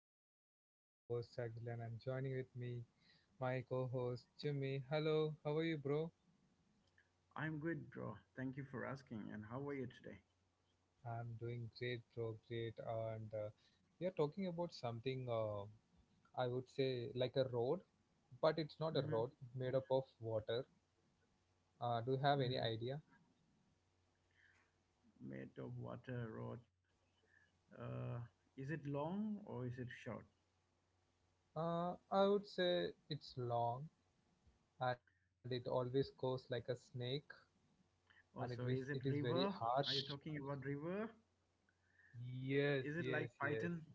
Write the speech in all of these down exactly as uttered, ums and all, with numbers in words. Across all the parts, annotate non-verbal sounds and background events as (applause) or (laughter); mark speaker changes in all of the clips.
Speaker 1: podcast. This is your host Agilan and joining with me my co-host Jimmy. Hello, how are you bro?
Speaker 2: I'm good, bro. Thank you for asking. And how are you today?
Speaker 1: I'm doing great bro, great and uh, we are talking about something uh, I would say like a road, but it's not a
Speaker 2: Mm-hmm.
Speaker 1: road, made up of water. Uh, do you have any
Speaker 2: Mm-hmm.
Speaker 1: idea?
Speaker 2: Made of water road. Uh, is it long or is it short?
Speaker 1: Uh, I would say it's long and it always goes like a snake and it is
Speaker 2: Also,
Speaker 1: it
Speaker 2: is
Speaker 1: is
Speaker 2: it
Speaker 1: very
Speaker 2: river? Are
Speaker 1: harsh.
Speaker 2: you talking about river?
Speaker 1: Yes,
Speaker 2: Is it
Speaker 1: yes,
Speaker 2: like
Speaker 1: yes.
Speaker 2: Python?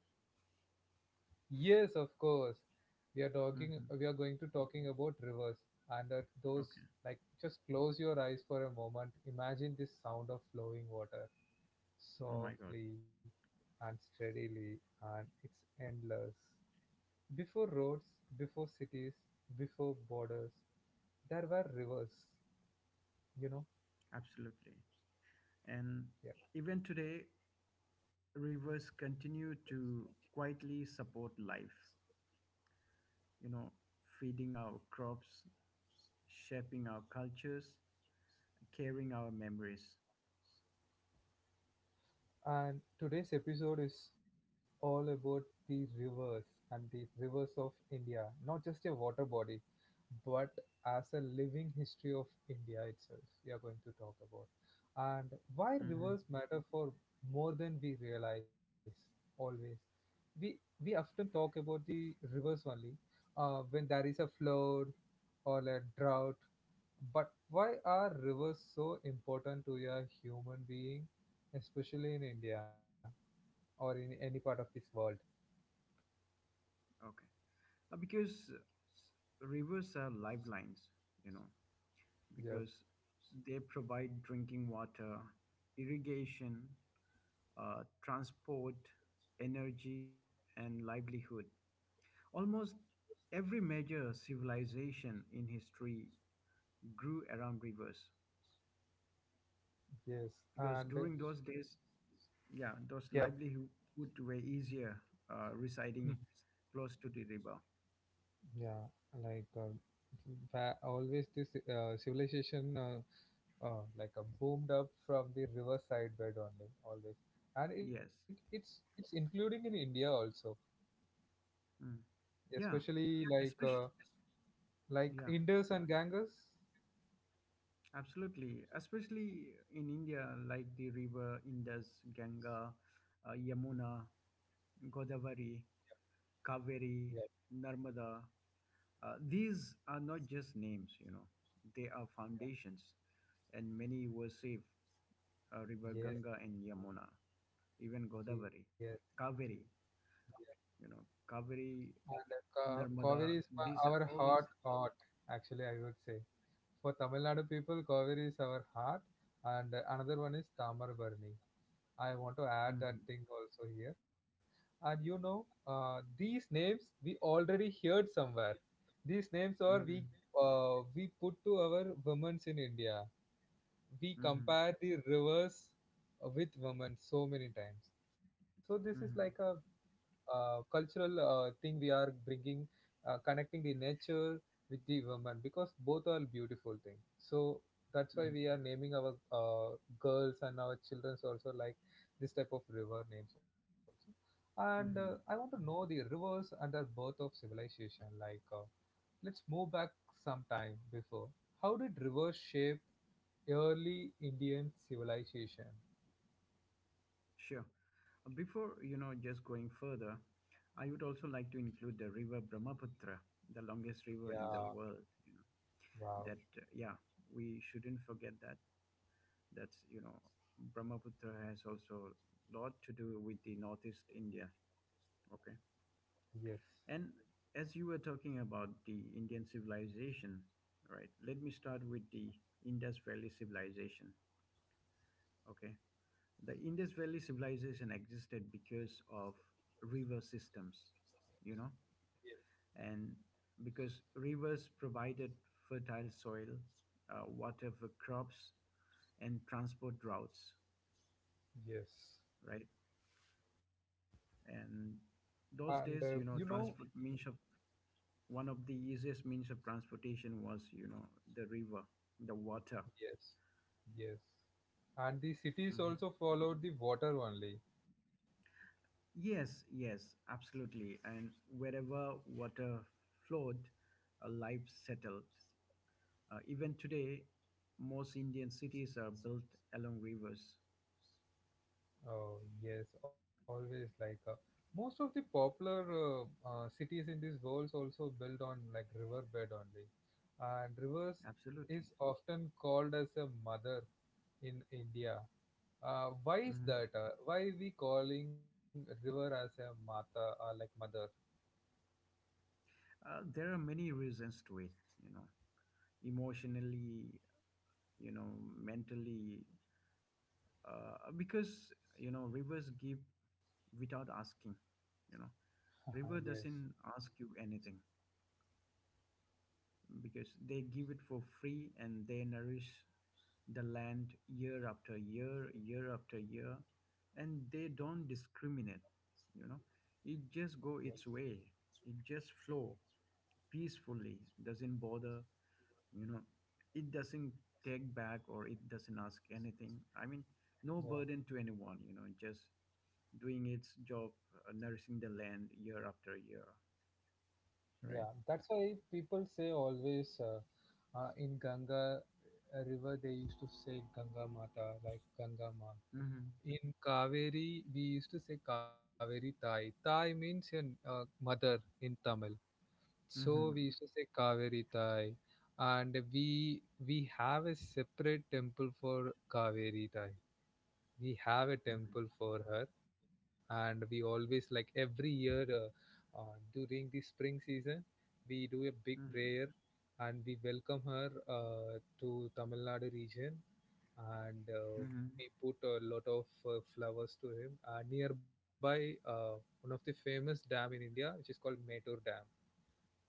Speaker 1: Yes, of course. We are talking.
Speaker 2: Mm-hmm.
Speaker 1: We are going to talking about rivers and that those
Speaker 2: Okay.
Speaker 1: like just close your eyes for a moment. Imagine this sound of flowing water
Speaker 2: Oh my God.
Speaker 1: softly and steadily, and it's endless. Before roads, before cities, before borders, there were rivers. You know,
Speaker 2: Absolutely. And
Speaker 1: yeah.
Speaker 2: even today, rivers continue to quietly support life, you know, feeding our crops, shaping our cultures, carrying our memories.
Speaker 1: And today's episode is all about the rivers and the rivers of India, not just a water body, but as a living history of India itself. We are going to talk about and why
Speaker 2: Mm-hmm.
Speaker 1: rivers matter for more than we realize. Always, we we often talk about the rivers only uh, when there is a flood or a drought. But why are rivers so important to a human being? Especially in India or in any part of this world.
Speaker 2: Okay. Uh, because rivers are lifelines you know
Speaker 1: Yes,
Speaker 2: because they provide drinking water, irrigation, uh, transport, energy, and livelihood. Almost every major civilization in history grew around rivers
Speaker 1: yes,
Speaker 2: because
Speaker 1: and
Speaker 2: during those days, yeah,
Speaker 1: yep.
Speaker 2: those livelihood were easier, uh,
Speaker 1: Hmm,
Speaker 2: residing close to the river.
Speaker 1: yeah, like um, fa- always this uh, civilization uh, uh, like uh, boomed up from the riverside bed only always, and it
Speaker 2: Yes.
Speaker 1: it's it's including in India also,
Speaker 2: Mm. Yeah,
Speaker 1: especially like uh,
Speaker 2: especially.
Speaker 1: like
Speaker 2: Yeah.
Speaker 1: Indus and Ganges.
Speaker 2: Absolutely, especially in India, like the river Indus, Ganga, uh, Yamuna, Godavari,
Speaker 1: Yeah.
Speaker 2: Kaveri, Narmada. Uh, these are not just names, you know, they are foundations, and many were saved. Uh, river
Speaker 1: Yes.
Speaker 2: Ganga and Yamuna, even
Speaker 1: Yes.
Speaker 2: Godavari, Kaveri, you know, Kaveri,
Speaker 1: And Ka- Kaveri
Speaker 2: Narmada.
Speaker 1: is my,
Speaker 2: These are
Speaker 1: our
Speaker 2: all.
Speaker 1: heart art, actually, I would say. For Tamil Nadu people, Kaveri is our heart, and uh, another one is Tamarbarni. I want to add that
Speaker 2: Mhm.
Speaker 1: thing also here. And you know, uh, these names we already heard somewhere. These names are we
Speaker 2: Mhm.
Speaker 1: uh, we put to our women's in India. We
Speaker 2: Mhm.
Speaker 1: compare the rivers with women so many times. So this is like a
Speaker 2: Mhm.
Speaker 1: uh, cultural uh, thing we are bringing, uh, connecting the nature with the woman because both are beautiful things. So that's why
Speaker 2: Mhm.
Speaker 1: we are naming our uh, girls and our childrens also like this type of river names also. And uh, I want to
Speaker 2: Mhm.
Speaker 1: know the rivers and the birth of civilization. Like, uh, let's move back some time before. How did rivers shape early Indian civilization?
Speaker 2: Sure. Uh, Before, you know, just going further, I would also like to include the river Brahmaputra, the longest river in the
Speaker 1: Yeah,
Speaker 2: world, you know.
Speaker 1: wow.
Speaker 2: That uh, yeah, we shouldn't forget that. That's, you know, Brahmaputra has also lot to do with the northeast India, okay?
Speaker 1: Yes,
Speaker 2: And as you were talking about the Indian civilization, right? Let me start with the Indus Valley civilization, okay? The Indus Valley civilization existed because of river systems you know and because rivers provided fertile soil, uh, water for crops, and transport routes,
Speaker 1: yes.
Speaker 2: right? And
Speaker 1: And
Speaker 2: those
Speaker 1: uh,
Speaker 2: days,
Speaker 1: you
Speaker 2: you know
Speaker 1: know,
Speaker 2: transport means of one of the easiest means of transportation was, you know the river, the water.
Speaker 1: yes, yes. And the cities
Speaker 2: Mhm.
Speaker 1: also followed the water only.
Speaker 2: Yes, yes, absolutely. And wherever water flowed, uh, life settled. Uh, even today, most Indian cities are built along rivers.
Speaker 1: Oh, yes, always like uh, most of the popular uh, uh, cities in these worlds also built on like riverbed only. And rivers is
Speaker 2: Absolutely.
Speaker 1: often called as a mother in India. Uh, why is
Speaker 2: Mhm.
Speaker 1: that? Uh, why we calling river as a mata or like mother?
Speaker 2: Uh, there are many reasons to it, you know, emotionally, you know, mentally, uh, because, you know, rivers give without asking, you know,
Speaker 1: (laughs)
Speaker 2: River
Speaker 1: Yes,
Speaker 2: doesn't ask you anything. Because they give it for free and they nourish the land year after year, year after year, and they don't discriminate. You know, it just
Speaker 1: yes.
Speaker 2: go its way. It just flow peacefully. Doesn't bother. You know, it doesn't take back or it doesn't ask anything. I mean, no
Speaker 1: Yeah,
Speaker 2: burden to anyone. You know, just doing its job, uh, nourishing the land year after year.
Speaker 1: yeah.
Speaker 2: Right.
Speaker 1: That's why people say always uh, uh, in Ganga uh, River they used to say Ganga Mata, like Ganga Ma.
Speaker 2: Mm-hmm.
Speaker 1: In Kaveri we used to say Kaveri Thai. Thai means your uh, mother in Tamil. So we
Speaker 2: Mm-hmm.
Speaker 1: used to say Kaveri Thai, and we we have a separate temple for Kaveri Thai. We have a temple
Speaker 2: Mm-hmm.
Speaker 1: for her and we always like every year uh, uh, during the spring season we do a big
Speaker 2: Mm-hmm.
Speaker 1: prayer and we welcome her uh, to tamil nadu region and uh,
Speaker 2: Mm-hmm.
Speaker 1: we put a lot of uh, flowers to him uh, nearby uh, one of the famous dam in india which is called Metur dam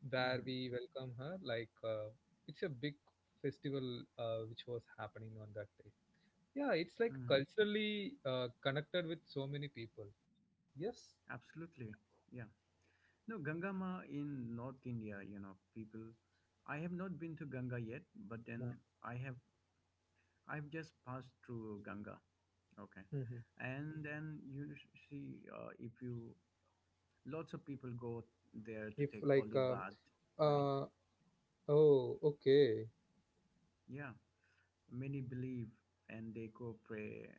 Speaker 1: where
Speaker 2: Hmm.
Speaker 1: we welcome her like uh, it's a big festival uh, which was happening on that day, yeah, it's like
Speaker 2: Hmm.
Speaker 1: culturally uh, connected with so many people. Yes.
Speaker 2: Absolutely. Yeah. No, Ganga in North India, you know, people, I have not been to Ganga yet, but
Speaker 1: Yeah.
Speaker 2: then I have, I've just passed through Ganga. Okay.
Speaker 1: Mhm.
Speaker 2: And then you n- see, uh, if you, lots of people go
Speaker 1: If
Speaker 2: there to take
Speaker 1: like
Speaker 2: holy
Speaker 1: um,
Speaker 2: bath, you know.
Speaker 1: uh oh okay,
Speaker 2: Yeah. Many believe and they go pray.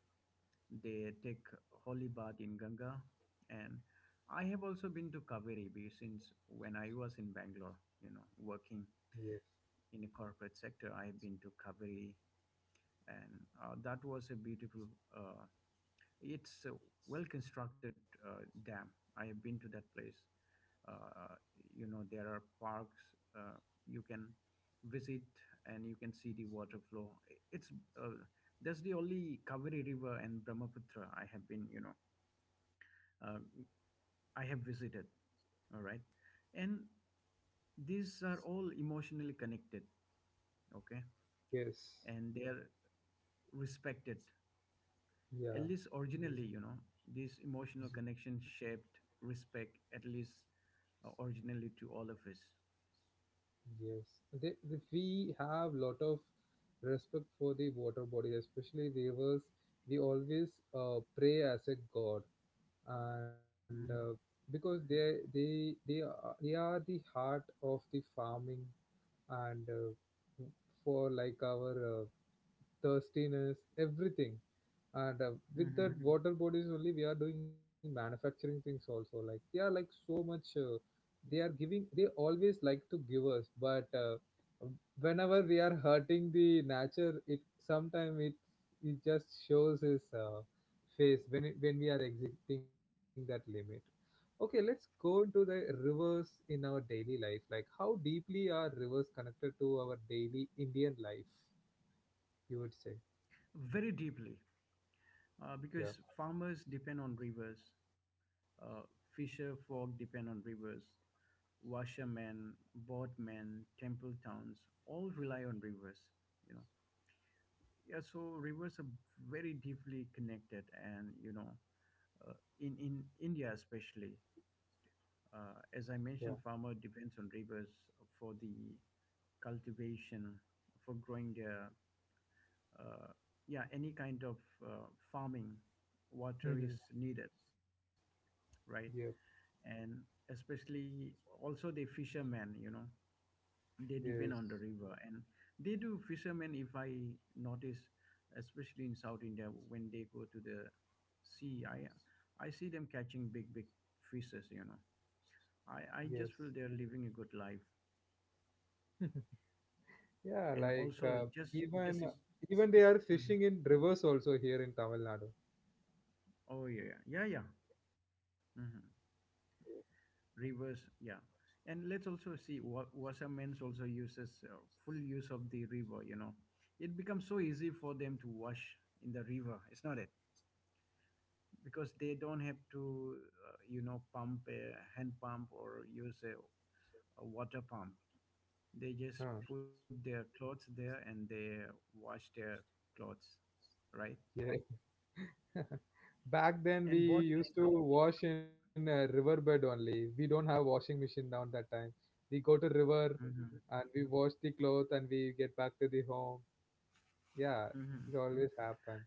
Speaker 2: They take holy bath in Ganga, and I have also been to Kaveri Beach since when I was in Bangalore. You know, working
Speaker 1: yes,
Speaker 2: in a corporate sector, I have been to Kaveri, and uh, that was a beautiful. Uh, it's a well constructed uh, dam. I have been to that place. Uh, you know, there are parks. Uh, you can visit and you can see the water flow. It's uh, that's the only Kaveri River and Brahmaputra I have been, you know, uh, I have visited. All right. And these are all emotionally connected. Okay.
Speaker 1: yes,
Speaker 2: And they are respected. At
Speaker 1: yeah,
Speaker 2: least originally, you know, this emotional connection shaped respect, at least uh, originally to all of us.
Speaker 1: yes, they, the, we have lot of respect for the water bodies especially rivers. We always uh, pray as a god and uh,
Speaker 2: Mhm.
Speaker 1: because they they they are, they are the heart of the farming and uh, for like our uh, thirstiness, everything. And uh, with that
Speaker 2: Mhm.
Speaker 1: Mhm. water bodies only, we are doing manufacturing things also. Like they are like so much. Uh, they are giving. They always like to give us, but uh, whenever we are hurting the nature, it sometimes it it just shows his uh, face when it, when we are exiting that limit. Okay, let's go into the rivers in our daily life. Like how deeply are rivers connected to our daily Indian life? You would say,
Speaker 2: Very deeply. Uh,
Speaker 1: yeah.
Speaker 2: because farmers depend on rivers, uh, fisher folk depend on rivers, washermen, boatmen, temple towns all rely on rivers, you know Yeah, so rivers are very deeply connected, and you know, uh, in in India especially, uh, as I
Speaker 1: Yeah.
Speaker 2: mentioned, farmer depends on rivers for the cultivation, for growing their, uh, yeah, any kind of uh, farming. Water
Speaker 1: Mm-hmm.
Speaker 2: is needed,
Speaker 1: Yep.
Speaker 2: right? And especially also the fishermen, you know, they depend on the
Speaker 1: Yes.
Speaker 2: river and they do fishermen if i notice especially in South India when they go to the sea, i i see them catching big big fishes, you know i i
Speaker 1: Yes.
Speaker 2: just feel they're living a good life.
Speaker 1: Yeah.
Speaker 2: And
Speaker 1: Like
Speaker 2: also
Speaker 1: uh,
Speaker 2: just just.
Speaker 1: even even they are
Speaker 2: Mhm.
Speaker 1: fishing in rivers also here in Tamil Nadu.
Speaker 2: Oh, yeah, yeah, yeah. Hmm. Rivers. Yeah. And let's also see what washermen's also uses uh, full use of the river. You know it becomes so easy for them to wash in the river, it's not it, because they don't have to uh, you know pump a hand pump or use a, a water pump. They just
Speaker 1: Huh.
Speaker 2: put their clothes there and they wash their clothes, right?
Speaker 1: Yeah. (laughs) Back then we
Speaker 2: and board mats
Speaker 1: used to
Speaker 2: are,
Speaker 1: wash in a riverbed only. We don't have washing machine down that time. We go to river
Speaker 2: Mhm.
Speaker 1: and we wash the clothes and we get back to the home. Yeah, this
Speaker 2: Mhm.
Speaker 1: always happen.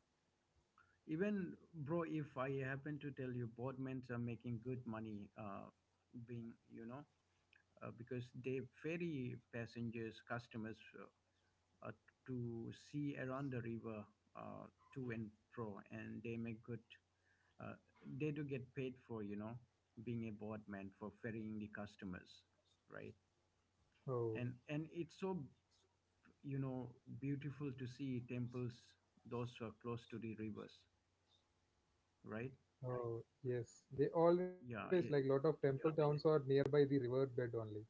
Speaker 2: Even bro, if I happen to tell you, board mats are making good money, uh, being you know uh, because they ferry passengers, customers, uh, uh, to see around the river, uh, to and fro, and they make good. Uh, they do get paid for, you know, being a board for ferrying the customers, right?
Speaker 1: Oh,
Speaker 2: And and it's so you know beautiful to see temples those who are close to the rivers, right?
Speaker 1: oh yes. They
Speaker 2: Yeah.
Speaker 1: always like
Speaker 2: It,
Speaker 1: lot of temple towns are nearby the riverbed only.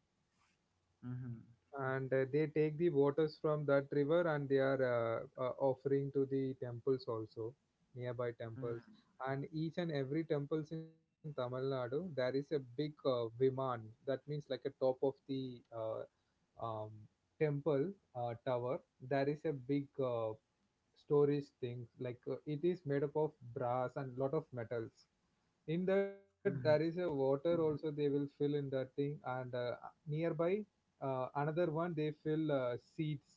Speaker 2: Mm-hmm.
Speaker 1: And uh, they take the waters from that river and they are uh, uh, offering to the temples also nearby temples,
Speaker 2: Mm-hmm.
Speaker 1: and each and every temples in tamil nadu there is a big uh, viman, that means like a top of the uh, um, temple uh, tower, there is a big uh, storage thing like uh, it is made up of brass and lot of metals, in that
Speaker 2: Mm-hmm.
Speaker 1: there is a water also they will fill in that thing, and uh, nearby uh, another one they fill uh, seeds,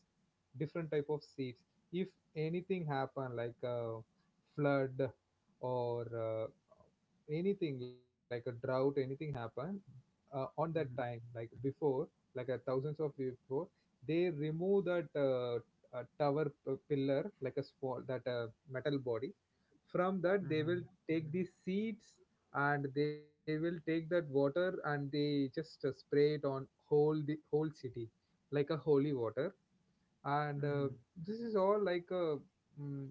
Speaker 1: different type of seeds, if anything happen like a flood or uh, anything like a drought anything happen uh, on that time
Speaker 2: Mm-hmm.
Speaker 1: like before like a thousands of years before they remove that uh, a tower p- pillar like a small that uh, metal body, from that they will
Speaker 2: Mm-hmm.
Speaker 1: take the seeds and they will take that water and they just uh, spray it on whole the whole city like a holy water, and uh,
Speaker 2: Mm-hmm.
Speaker 1: this is all like a mm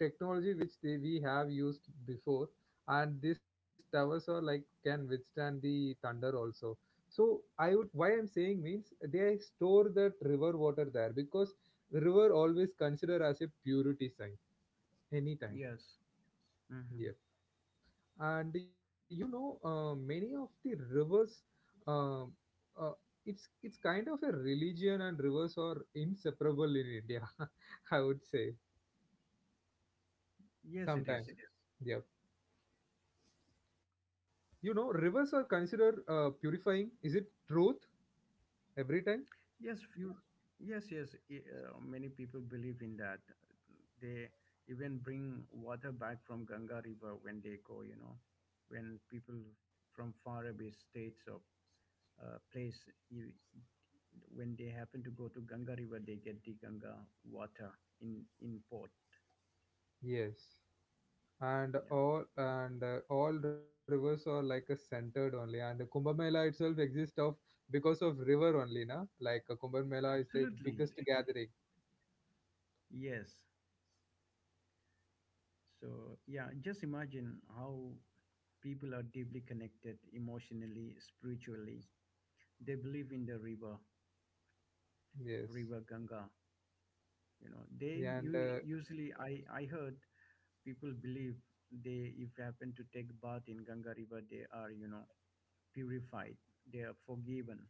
Speaker 1: technology which they we have used before, and these towers are like can withstand the thunder also, so I would why I'm saying means they store that river water there because river always considered as a purity sign anytime.
Speaker 2: Yes. Mm-hmm.
Speaker 1: Yeah, and you know uh, many of the rivers um, uh, it's it's kind of a religion and rivers are inseparable in india (laughs) I would say
Speaker 2: Yes, it is.
Speaker 1: sometimes Yes, it is. Yeah. You know, rivers are considered uh, purifying. Is it truth every time?
Speaker 2: Yes, few. Yes, yes. i- Uh, many people believe in that. They even bring water back from Ganga River when they go. You know, when people from far away states or uh, place, you, when they happen to go to Ganga River, they get the Ganga water in in port.
Speaker 1: Yes. And
Speaker 2: Yeah,
Speaker 1: all and uh, all rivers are like a centered only. And the Kumbh Mela itself exists of because of river only, na? Like uh, Kumbh Mela is the
Speaker 2: absolutely.
Speaker 1: biggest gathering.
Speaker 2: Yes. So yeah, just imagine how people are deeply connected emotionally, spiritually. They believe in the river
Speaker 1: Yes.
Speaker 2: river Ganga. You know, they
Speaker 1: And
Speaker 2: u-
Speaker 1: uh,
Speaker 2: usually I I heard people believe they if you happen to take bath in Ganga River, they are you know purified, they are forgiven,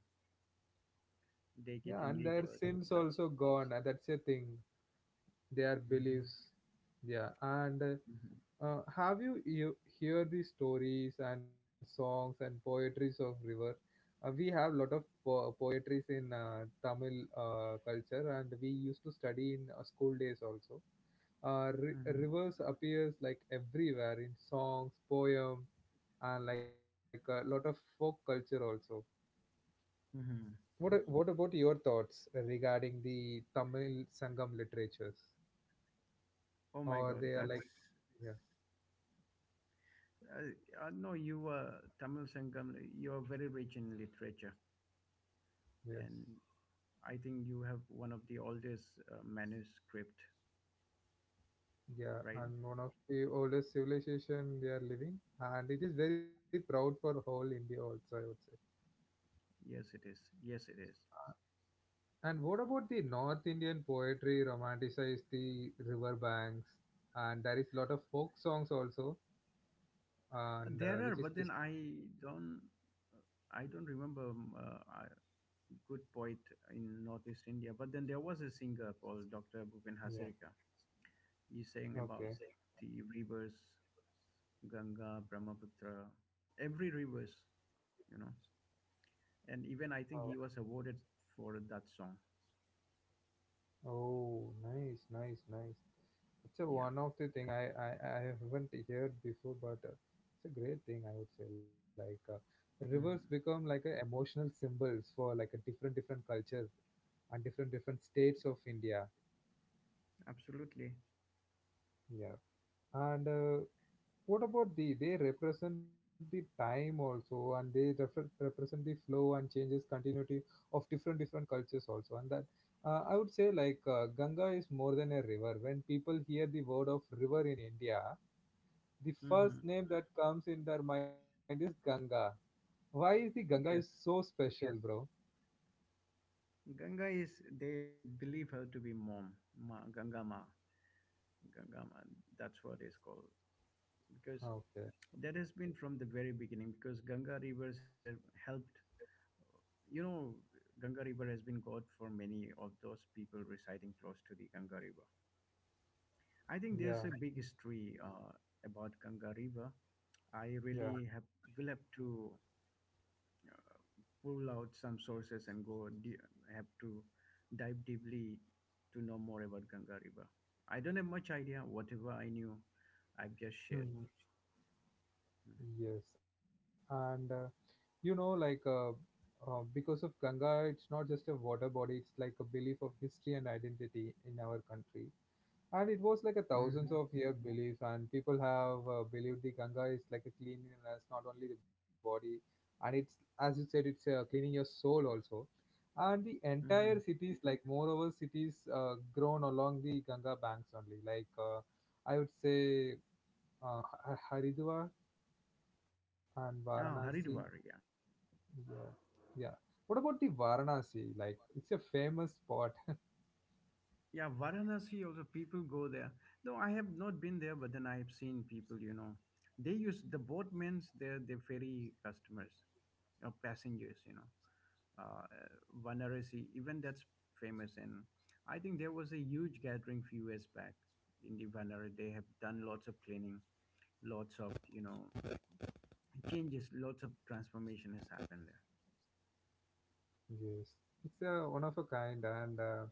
Speaker 2: they get a
Speaker 1: yeah, and
Speaker 2: new
Speaker 1: their
Speaker 2: birth.
Speaker 1: sins
Speaker 2: That's
Speaker 1: also gone. And that's a thing. Their
Speaker 2: Hmm.
Speaker 1: beliefs. Yeah, and
Speaker 2: Hmm.
Speaker 1: uh, uh, have you, you hear the stories and songs and poetries of river? Uh, we have lot of po- poetries in uh, Tamil uh, culture, and we used to study in uh, school days also. Uh, ri rivers appears like everywhere in songs, poem, and like a lot of folk culture also.
Speaker 2: Hmm. Hmm.
Speaker 1: What a- what about your thoughts regarding the Tamil Sangam literatures?
Speaker 2: Oh my
Speaker 1: Or
Speaker 2: God,
Speaker 1: they are like
Speaker 2: that's.
Speaker 1: yeah.
Speaker 2: I, I know you are Tamil Sangam. You are very rich in literature,
Speaker 1: Yes.
Speaker 2: and I think you have one of the oldest uh, manuscript,
Speaker 1: Yeah,
Speaker 2: right?
Speaker 1: and one of the oldest civilization they are living, and it is very proud for whole India also, I would say.
Speaker 2: Yes, it is. Yes, it is.
Speaker 1: And what about the North Indian poetry romanticize the river banks, and there is lot of folk songs also, and uh,
Speaker 2: There are,
Speaker 1: which is
Speaker 2: but then
Speaker 1: just
Speaker 2: I don't I don't remember um, uh, a good poet in Northeast India. But then there was a singer called Doctor Bhupen
Speaker 1: yeah,
Speaker 2: Hazarika. He sang
Speaker 1: okay.
Speaker 2: about the rivers, Ganga, Brahmaputra, every rivers, you know. And even I think he was awarded for that song.
Speaker 1: Oh, nice, nice, nice. It's a
Speaker 2: Yeah.
Speaker 1: one of the thing I, I, I haven't heard before, but uh, it's a great thing I would say. Like uh, rivers become
Speaker 2: Hmm.
Speaker 1: like a emotional symbols for like a different different culture and different different states of India.
Speaker 2: Absolutely.
Speaker 1: Yeah, and uh, what about the they represent the time also and they refer, represent the flow and changes continuity of different different cultures also and that uh, I would say like uh, Ganga is more than a river. When people hear the word of river in India, the first
Speaker 2: Hmm.
Speaker 1: name that comes in their mind is Ganga. Why is the Ganga is so
Speaker 2: Yes,
Speaker 1: Yes. special, bro?
Speaker 2: Ganga is, they believe her to be mom, ma, Ganga Ma, Ganga Ma. That's what it's called. Because
Speaker 1: Okay.
Speaker 2: that has been from the very beginning. Because Ganga rivers have helped you know Ganga river has been God for many of those people residing close to the Ganga river. I think
Speaker 1: Yeah.
Speaker 2: there's a big history uh, about Ganga river. I
Speaker 1: Yeah.
Speaker 2: really have, will have to uh, pull out some sources and go de- have to dive deeply to know more about Ganga river. I don't have much idea. Whatever I knew, I've just
Speaker 1: Hmm,
Speaker 2: shared.
Speaker 1: hmm. Yes, and uh, you know, like uh, uh, because of Ganga, it's not just a water body, it's like a belief of history and identity in our country. And it was like a thousands
Speaker 2: Hmm.
Speaker 1: of year belief, and people have uh, believed the Ganga is like a cleanliness, not only the body, and it's as you said, it's uh, cleaning your soul also. And the entire
Speaker 2: Hmm.
Speaker 1: cities, like moreover, cities uh, grown along the Ganga banks only, like uh, I would say uh, Haridwar and
Speaker 2: Ah,
Speaker 1: Varanasi,
Speaker 2: Haridwar, yeah.
Speaker 1: yeah, yeah. What about the Varanasi? Like, it's a famous spot.
Speaker 2: Yeah, Varanasi also people go there. Though I have not been there, but then I have seen people, you know. They use the boatmen's, they're the ferry customers, you know, passengers, you know. Uh, uh, Varanasi, even that's famous. And I think there was a huge gathering few years back in the Varanasi. They have done lots of cleaning, lots of, you know, changes, lots of transformation has happened there.
Speaker 1: Yes, it's a one of a kind and uh,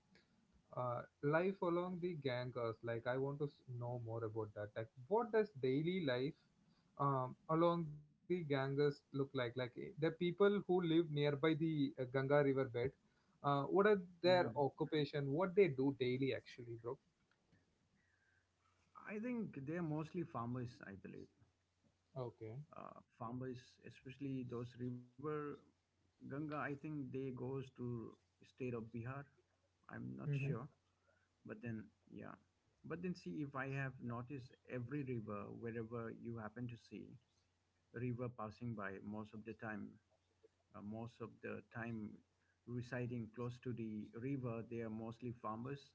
Speaker 1: uh, life along the Ganges. Like, I want to s- know more about that. Like, what does daily life um, along the Ganges look like? Like, eh, the people who live nearby the uh, Ganga river bed. Uh, what are their
Speaker 2: Mhm.
Speaker 1: occupation? What they do daily, actually, bro?
Speaker 2: I think they're mostly farmers, I believe.
Speaker 1: Okay.
Speaker 2: Uh, farmers, especially those river Ganga, I think they goes to state of Bihar. I'm not
Speaker 1: Mm-hmm.
Speaker 2: sure, but then yeah, but then see if I have noticed every river wherever you happen to see a river passing by most of the time, uh, most of the time residing close to the river, they are mostly farmers.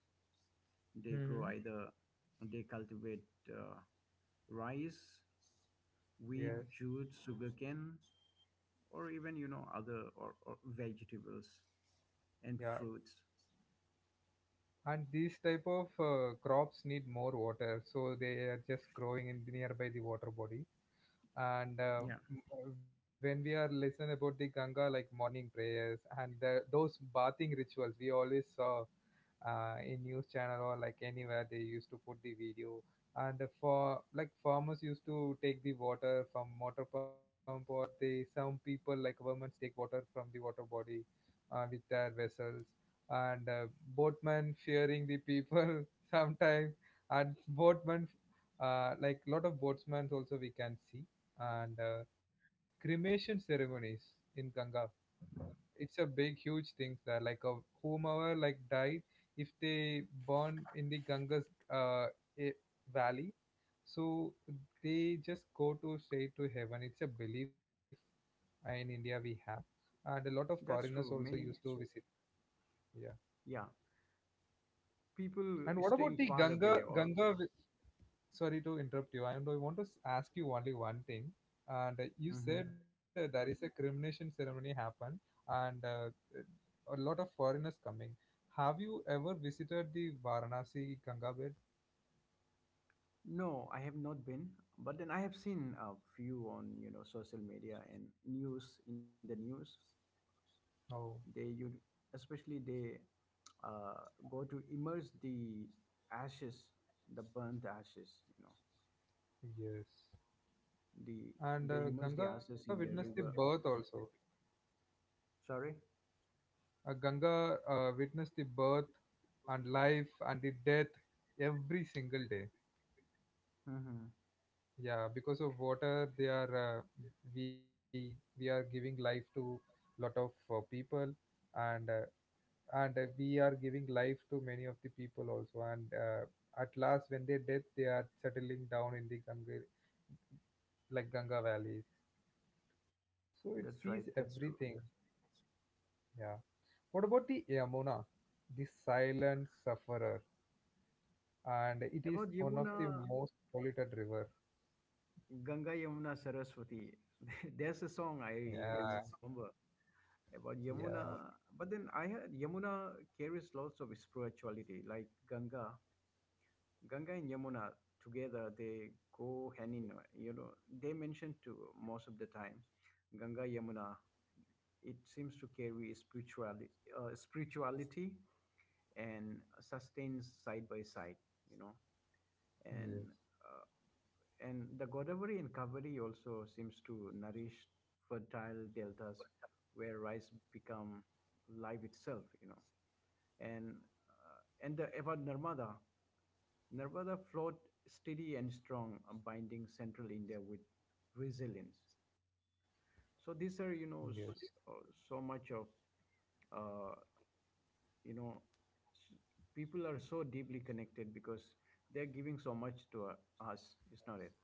Speaker 2: They grow
Speaker 1: Mm-hmm.
Speaker 2: either they cultivate uh, rice,
Speaker 1: Yes.
Speaker 2: wheat, jute, sugarcane, or even you know other or, or vegetables and
Speaker 1: Yeah.
Speaker 2: fruits.
Speaker 1: And these type of uh, crops need more water, so they are just growing in nearby the water body. and
Speaker 2: Yeah,
Speaker 1: uh, m- when we are listening about the Ganga, like morning prayers and the, those bathing rituals, we always saw uh, in news channel or like anywhere they used to put the video. And for like farmers used to take the water from water pump, or they some people like women take water from the water body uh, with their vessels, and uh, boatman fearing the people (laughs) sometimes. And boatman, uh, like lot of boatsmen also we can see. And uh, cremation ceremonies in Ganga, it's a big huge thing there. Like a whomever like died, if they born in the Ganga's uh, eh, valley, so they just go to straight to heaven, it's a belief in India we have. And a lot of
Speaker 2: that's
Speaker 1: foreigners
Speaker 2: true.
Speaker 1: also used
Speaker 2: Many.
Speaker 1: to visit. Yeah.
Speaker 2: Yeah, people
Speaker 1: And what about
Speaker 2: staying
Speaker 1: the
Speaker 2: far away
Speaker 1: Ganga
Speaker 2: or.
Speaker 1: Ganga? Vi- sorry to interrupt you. I don't I want to s- ask you only one thing. And uh, you said
Speaker 2: Mhm.
Speaker 1: uh, there is a cremation ceremony happen, and uh, a lot of foreigners coming. Have you ever visited the Varanasi Ganga bed?
Speaker 2: No, I have not been, but then I have seen a few on you know social media and news, in the news
Speaker 1: Oh,
Speaker 2: they, you, especially they uh, go to immerse the ashes, the burnt ashes you know
Speaker 1: yes.
Speaker 2: the
Speaker 1: And
Speaker 2: they
Speaker 1: uh,
Speaker 2: immerse the
Speaker 1: Ganga witnessed
Speaker 2: ashes
Speaker 1: the
Speaker 2: in the
Speaker 1: birth
Speaker 2: river.
Speaker 1: also.
Speaker 2: Sorry.
Speaker 1: Uh, Ganga uh, witnessed the birth and life and the death every single day.
Speaker 2: Hmm.
Speaker 1: Yeah, because of water they are uh, we we are giving life to lot of uh, people, and uh, and uh, we are giving life to many of the people also. And uh, At last when they death, they are settling down in the Ganga, like Ganga valley. So it sees
Speaker 2: That's right.
Speaker 1: everything.
Speaker 2: That's true.
Speaker 1: Yeah, what about the Yamuna, the silent sufferer? And it is
Speaker 2: About
Speaker 1: one of the
Speaker 2: Yamuna,
Speaker 1: most polluted river.
Speaker 2: Ganga, Yamuna, Saraswati. (laughs) There's a song I
Speaker 1: Yeah.
Speaker 2: remember about
Speaker 1: Yeah.
Speaker 2: Yamuna, but then I heard Yamuna carries lots of spirituality, like Ganga. Ganga and Yamuna together, they go hand in, you know, they mention to most of the time Ganga Yamuna. It seems to carry spirituality, uh, spirituality and sustains side by side, you know.
Speaker 1: Yes.
Speaker 2: And uh, And the Godavari and Kaveri also seems to nourish fertile deltas where rice become life itself, you know. And uh, and the about Narmada, Narmada flowed steady and strong, uh, binding central India with resilience. So these are you
Speaker 1: Yes.
Speaker 2: know s- uh, so much of uh, you know s- people are so deeply connected because they're giving so much to uh, us. Is not it.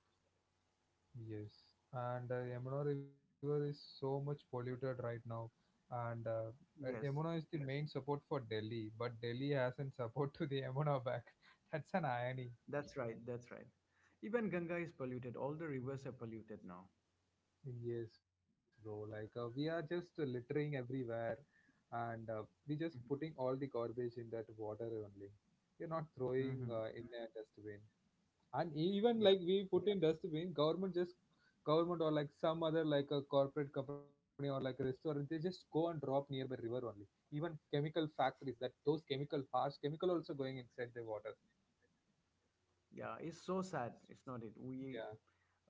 Speaker 1: Yes, and uh, Yamuna River is so much polluted right now, and uh, uh,
Speaker 2: Yes,
Speaker 1: Yamuna is the main support for Delhi, but Delhi hasn't support to the Yamuna back. (laughs) That's an irony.
Speaker 2: that's right. That's right. Even Ganga is polluted. All the rivers are polluted now.
Speaker 1: Yes, bro. Like uh, we are just uh, littering everywhere, and uh, we just putting all the garbage in that water only. We're not throwing
Speaker 2: Mm-hmm.
Speaker 1: uh, in a dustbin. And even
Speaker 2: Yeah.
Speaker 1: like we put in dustbin, government just, government or like some other like a corporate company or like a restaurant, they just go and drop nearby river only. Even chemical factories, that those chemical, harsh chemical also going inside the water.
Speaker 2: Yeah. It's so sad. It's not it. We
Speaker 1: Yeah.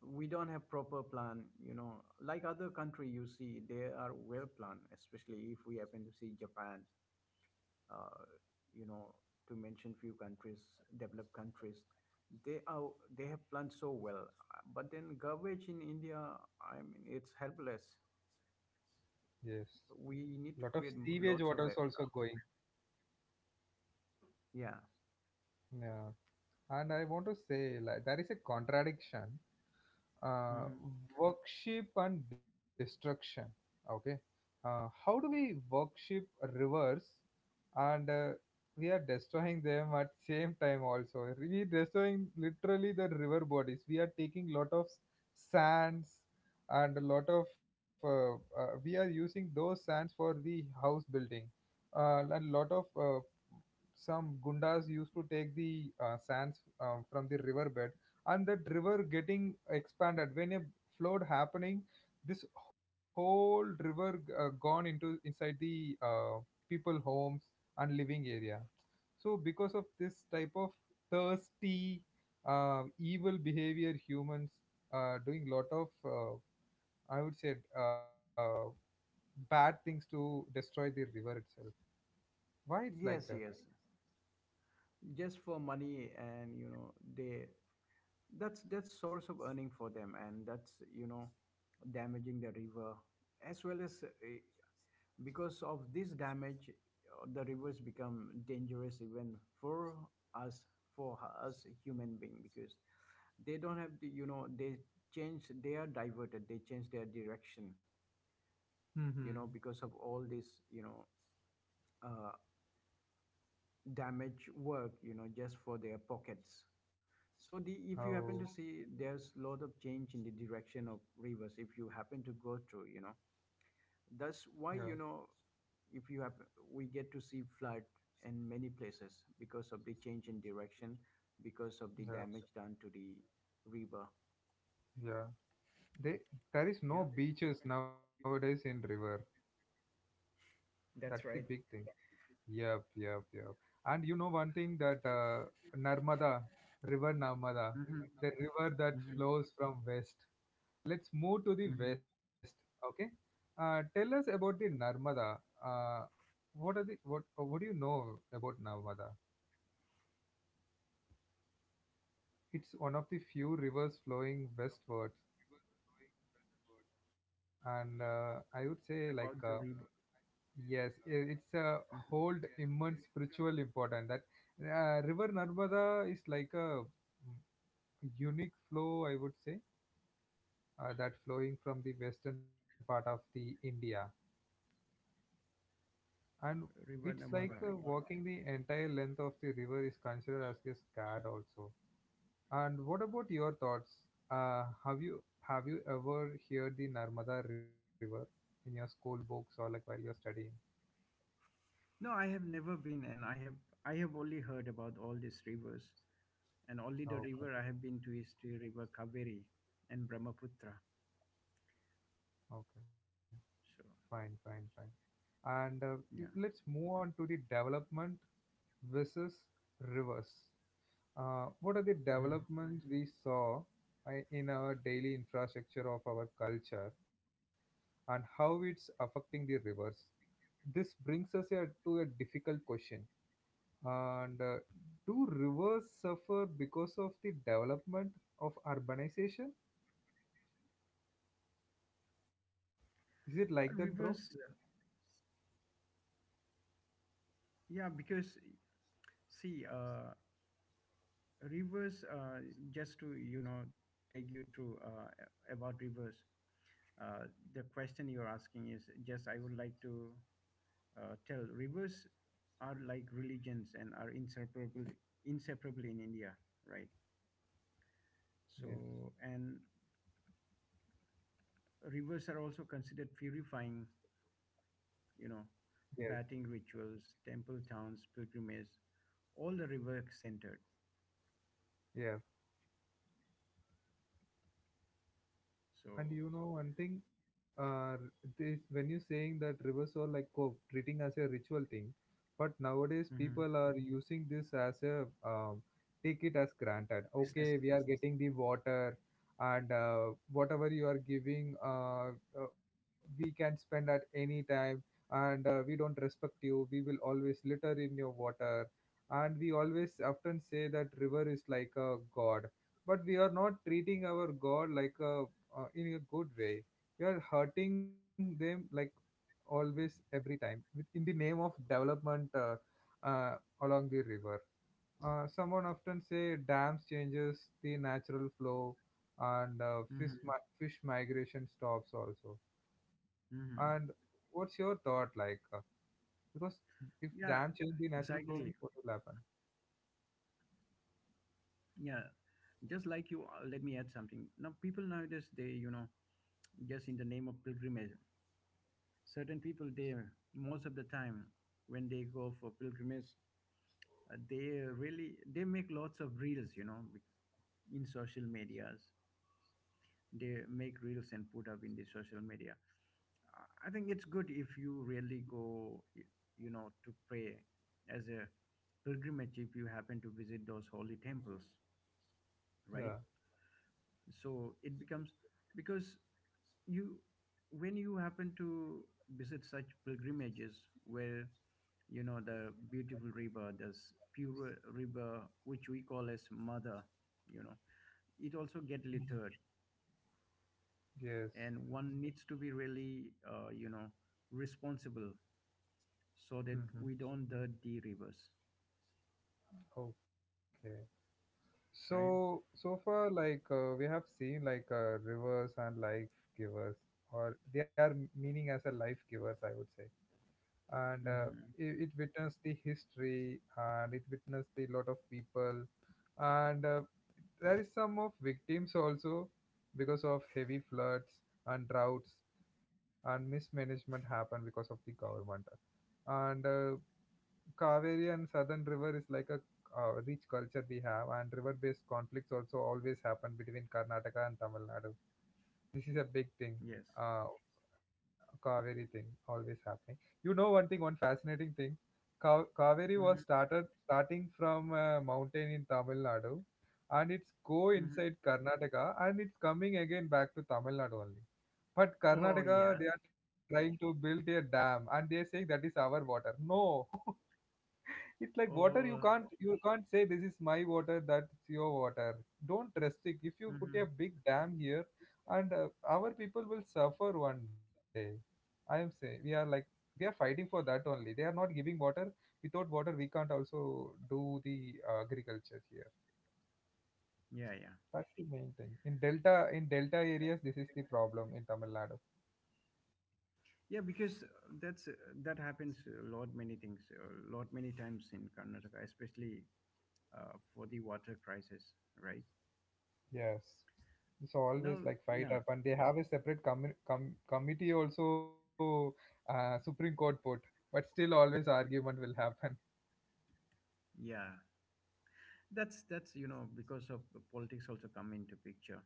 Speaker 2: we don't have proper plan. You know, like other country, you see they are well planned. Especially if we happen to see Japan. Uh, you know, to mention few countries, developed countries, they are they have planned so well. Uh, But then garbage in India. I mean, it's helpless.
Speaker 1: Yes.
Speaker 2: We
Speaker 1: Lot
Speaker 2: need
Speaker 1: of
Speaker 2: to create
Speaker 1: sewage
Speaker 2: lots
Speaker 1: waters
Speaker 2: of it.
Speaker 1: also going.
Speaker 2: Yeah.
Speaker 1: Yeah. And I want to say like there is a contradiction, uh,
Speaker 2: Mhm.
Speaker 1: worship and destruction. Okay. Uh, how do we worship rivers, and uh, we are destroying them at same time. Also we destroying literally the river bodies. We are taking lot of sands, and a lot of uh, uh, we are using those sands for the house building. Uh, a lot of uh, some gundas used to take the uh, sands uh, from the riverbed, and that river getting expanded. When a flood happening, this whole river uh, gone into inside the uh, people homes and living area. So because of this type of thirsty, uh, evil behavior, humans uh, doing lot of uh, I would say uh, bad things to destroy the river itself. Why it's like that?
Speaker 2: Yes, yes. Just for money, and you know they that's that's source of earning for them, and that's, you know, damaging the river as well as, uh, because of this damage, uh, the rivers become dangerous even for us for us human being, because they don't have the, you know, they change, they are diverted, they change their direction,
Speaker 1: Hmm.
Speaker 2: you know, because of all this, you know uh, damage work, you know just for their pockets. So, the,
Speaker 1: Oh,
Speaker 2: if you happen to see, there's a lot of change in the direction of rivers if you happen to go through, you know. That's
Speaker 1: yeah.
Speaker 2: why, you know, if you have, we get to see flood in many places because of the change in direction, because of the
Speaker 1: Yeah.
Speaker 2: damage done to the river.
Speaker 1: Yeah. They, there is
Speaker 2: Yeah.
Speaker 1: no beaches nowadays in river. That's the
Speaker 2: That's
Speaker 1: big
Speaker 2: right.
Speaker 1: thing. Yep, yep, yep. And you know one thing that uh, Narmada, river Narmada,
Speaker 2: Mhm,
Speaker 1: the river that
Speaker 2: mhm,
Speaker 1: flows from west. Let's move to the
Speaker 2: mhm.
Speaker 1: west. Okay. Uh, tell us about the Narmada. Uh, what are the what uh, what do you know about Narmada? It's one of the few rivers flowing westwards, and uh, I
Speaker 2: About the
Speaker 1: would say
Speaker 2: river.
Speaker 1: like uh, yes, I-
Speaker 2: Mhm.
Speaker 1: it's a hold immense spiritual importance. That uh, River Narmada is like a mm, unique flow, I would say, uh, that flowing from the western part of the India, and
Speaker 2: River
Speaker 1: it's
Speaker 2: Namara.
Speaker 1: like uh, walking the entire length of the river is considered as a scared also. And what about your thoughts? Uh, have you have you ever heard the Narmada River in your school books or like while you're studying?
Speaker 2: No, I have never been, and I have I have only heard about all these rivers, and only the
Speaker 1: Okay,
Speaker 2: river I have been to is the river Kaveri and Brahmaputra.
Speaker 1: okay,
Speaker 2: So
Speaker 1: fine, fine, fine. And uh, You-
Speaker 2: yeah,
Speaker 1: let's move on to the development versus reverse. Uh, what are the
Speaker 2: hmm,
Speaker 1: developments we saw uh, in our daily infrastructure of our culture, and how it's affecting the reverse? This brings us a, to a difficult question. And uh, do reverse suffer because of the development of urbanization? Is it like that, bro?
Speaker 2: uh, rivers. Yeah, because see, uh, rivers. Uh, just to you know, take you through, uh, about rivers. Uh, the question you're asking is just I would like to uh, tell rivers are like religions and are inseparable inseparable in India, right?
Speaker 1: Yes,
Speaker 2: So, and rivers are also considered purifying, you know,
Speaker 1: yes,
Speaker 2: bathing rituals, temple towns, pilgrimage, all the river centered.
Speaker 1: yeah. And
Speaker 2: So
Speaker 1: you know one thing, uh, this, when you're saying that rivers are like oh, treating as a ritual thing, but nowadays
Speaker 2: mhm,
Speaker 1: people are using this as a um, take it as granted.
Speaker 2: business.
Speaker 1: Okay, we are getting the water, and uh, whatever you are giving, uh, uh, we can spend at any time, and uh, we don't respect you. We will always litter in your water, and we always often say that river is like a god, but we are not treating our god like a uh, in a good way. You're hurting them like always, every time, with, in the name of development, uh, uh, along the river. Uh, someone often say dams changes the natural flow, and uh, fish
Speaker 2: Mhm,
Speaker 1: mi- fish migration stops also. And
Speaker 2: mhm.
Speaker 1: what's your thought like? Uh, because if dam
Speaker 2: Yeah,
Speaker 1: change the natural flow,
Speaker 2: exactly.
Speaker 1: what will happen?
Speaker 2: Yeah, just like you, uh, let me add something. Now, people nowadays, they, you know, just in the name of pilgrimage, certain people, they, most of the time, when they go for pilgrimage, uh, they really, they make lots of reels, you know, in social medias. They make reels and put up in the social media. Uh, i think it's good if you really go y- you know to pray as a pilgrimage if you happen to visit those holy temples, right?
Speaker 1: Yeah.
Speaker 2: So it becomes because you, when you happen to visit such pilgrimages where, you know, the beautiful river, this pure river, which we call as mother, you know, it also get littered,
Speaker 1: Mhm.
Speaker 2: and
Speaker 1: Yes.
Speaker 2: one needs to be really, uh, you know, responsible so that we
Speaker 1: Mm-hmm.
Speaker 2: don't dirt the rivers,
Speaker 1: Okay.
Speaker 2: right?
Speaker 1: So so far, like uh, we have seen, like uh, rivers and life givers, or they are meaning as a life givers, I would say. And uh,
Speaker 2: Mm-hmm.
Speaker 1: it, it witnessed the history, and it witnessed the lot of people, and uh, there is some of victims also because of heavy floods and droughts and mismanagement happened because of the government. And uh, Kaveri and Southern River is like a uh, rich culture we have, and river-based conflicts also always happen between Karnataka and Tamil Nadu. This is a big thing.
Speaker 2: Yes,
Speaker 1: Uh, Kaveri thing always happening. You know one thing, one fascinating thing. Ka- Kaveri was
Speaker 2: mm-hmm.
Speaker 1: started starting from a mountain in Tamil Nadu, and it's go
Speaker 2: Hmm.
Speaker 1: inside Karnataka, and it's coming again back to Tamil Nadu only. But
Speaker 2: Oh yeah.
Speaker 1: Karnataka, they are trying to build a dam, and they are saying that is our water. No, it's like water, you
Speaker 2: Oh.
Speaker 1: can't you can't say this is my water, that's your water. Don't restrict. If you put a
Speaker 2: Hmm.
Speaker 1: big dam here, and uh, our people will suffer one day. I am saying we are like, we are fighting for that only, they are not giving water. Without water we can't also do the uh, agriculture here.
Speaker 2: Yeah, yeah.
Speaker 1: That's the main thing in delta, in delta areas, this is the problem in Tamil Nadu.
Speaker 2: Yeah, because that's uh, that happens a lot many things a lot many times in Karnataka, especially uh, for the water crisis, right?
Speaker 1: Yes. It's always
Speaker 2: Now,
Speaker 1: like fight
Speaker 2: yeah.
Speaker 1: up, and they have a separate commi- com- committee also, uh, Supreme Court put, but still always argument will happen.
Speaker 2: Yeah, that's that's you know because of the politics also come into picture.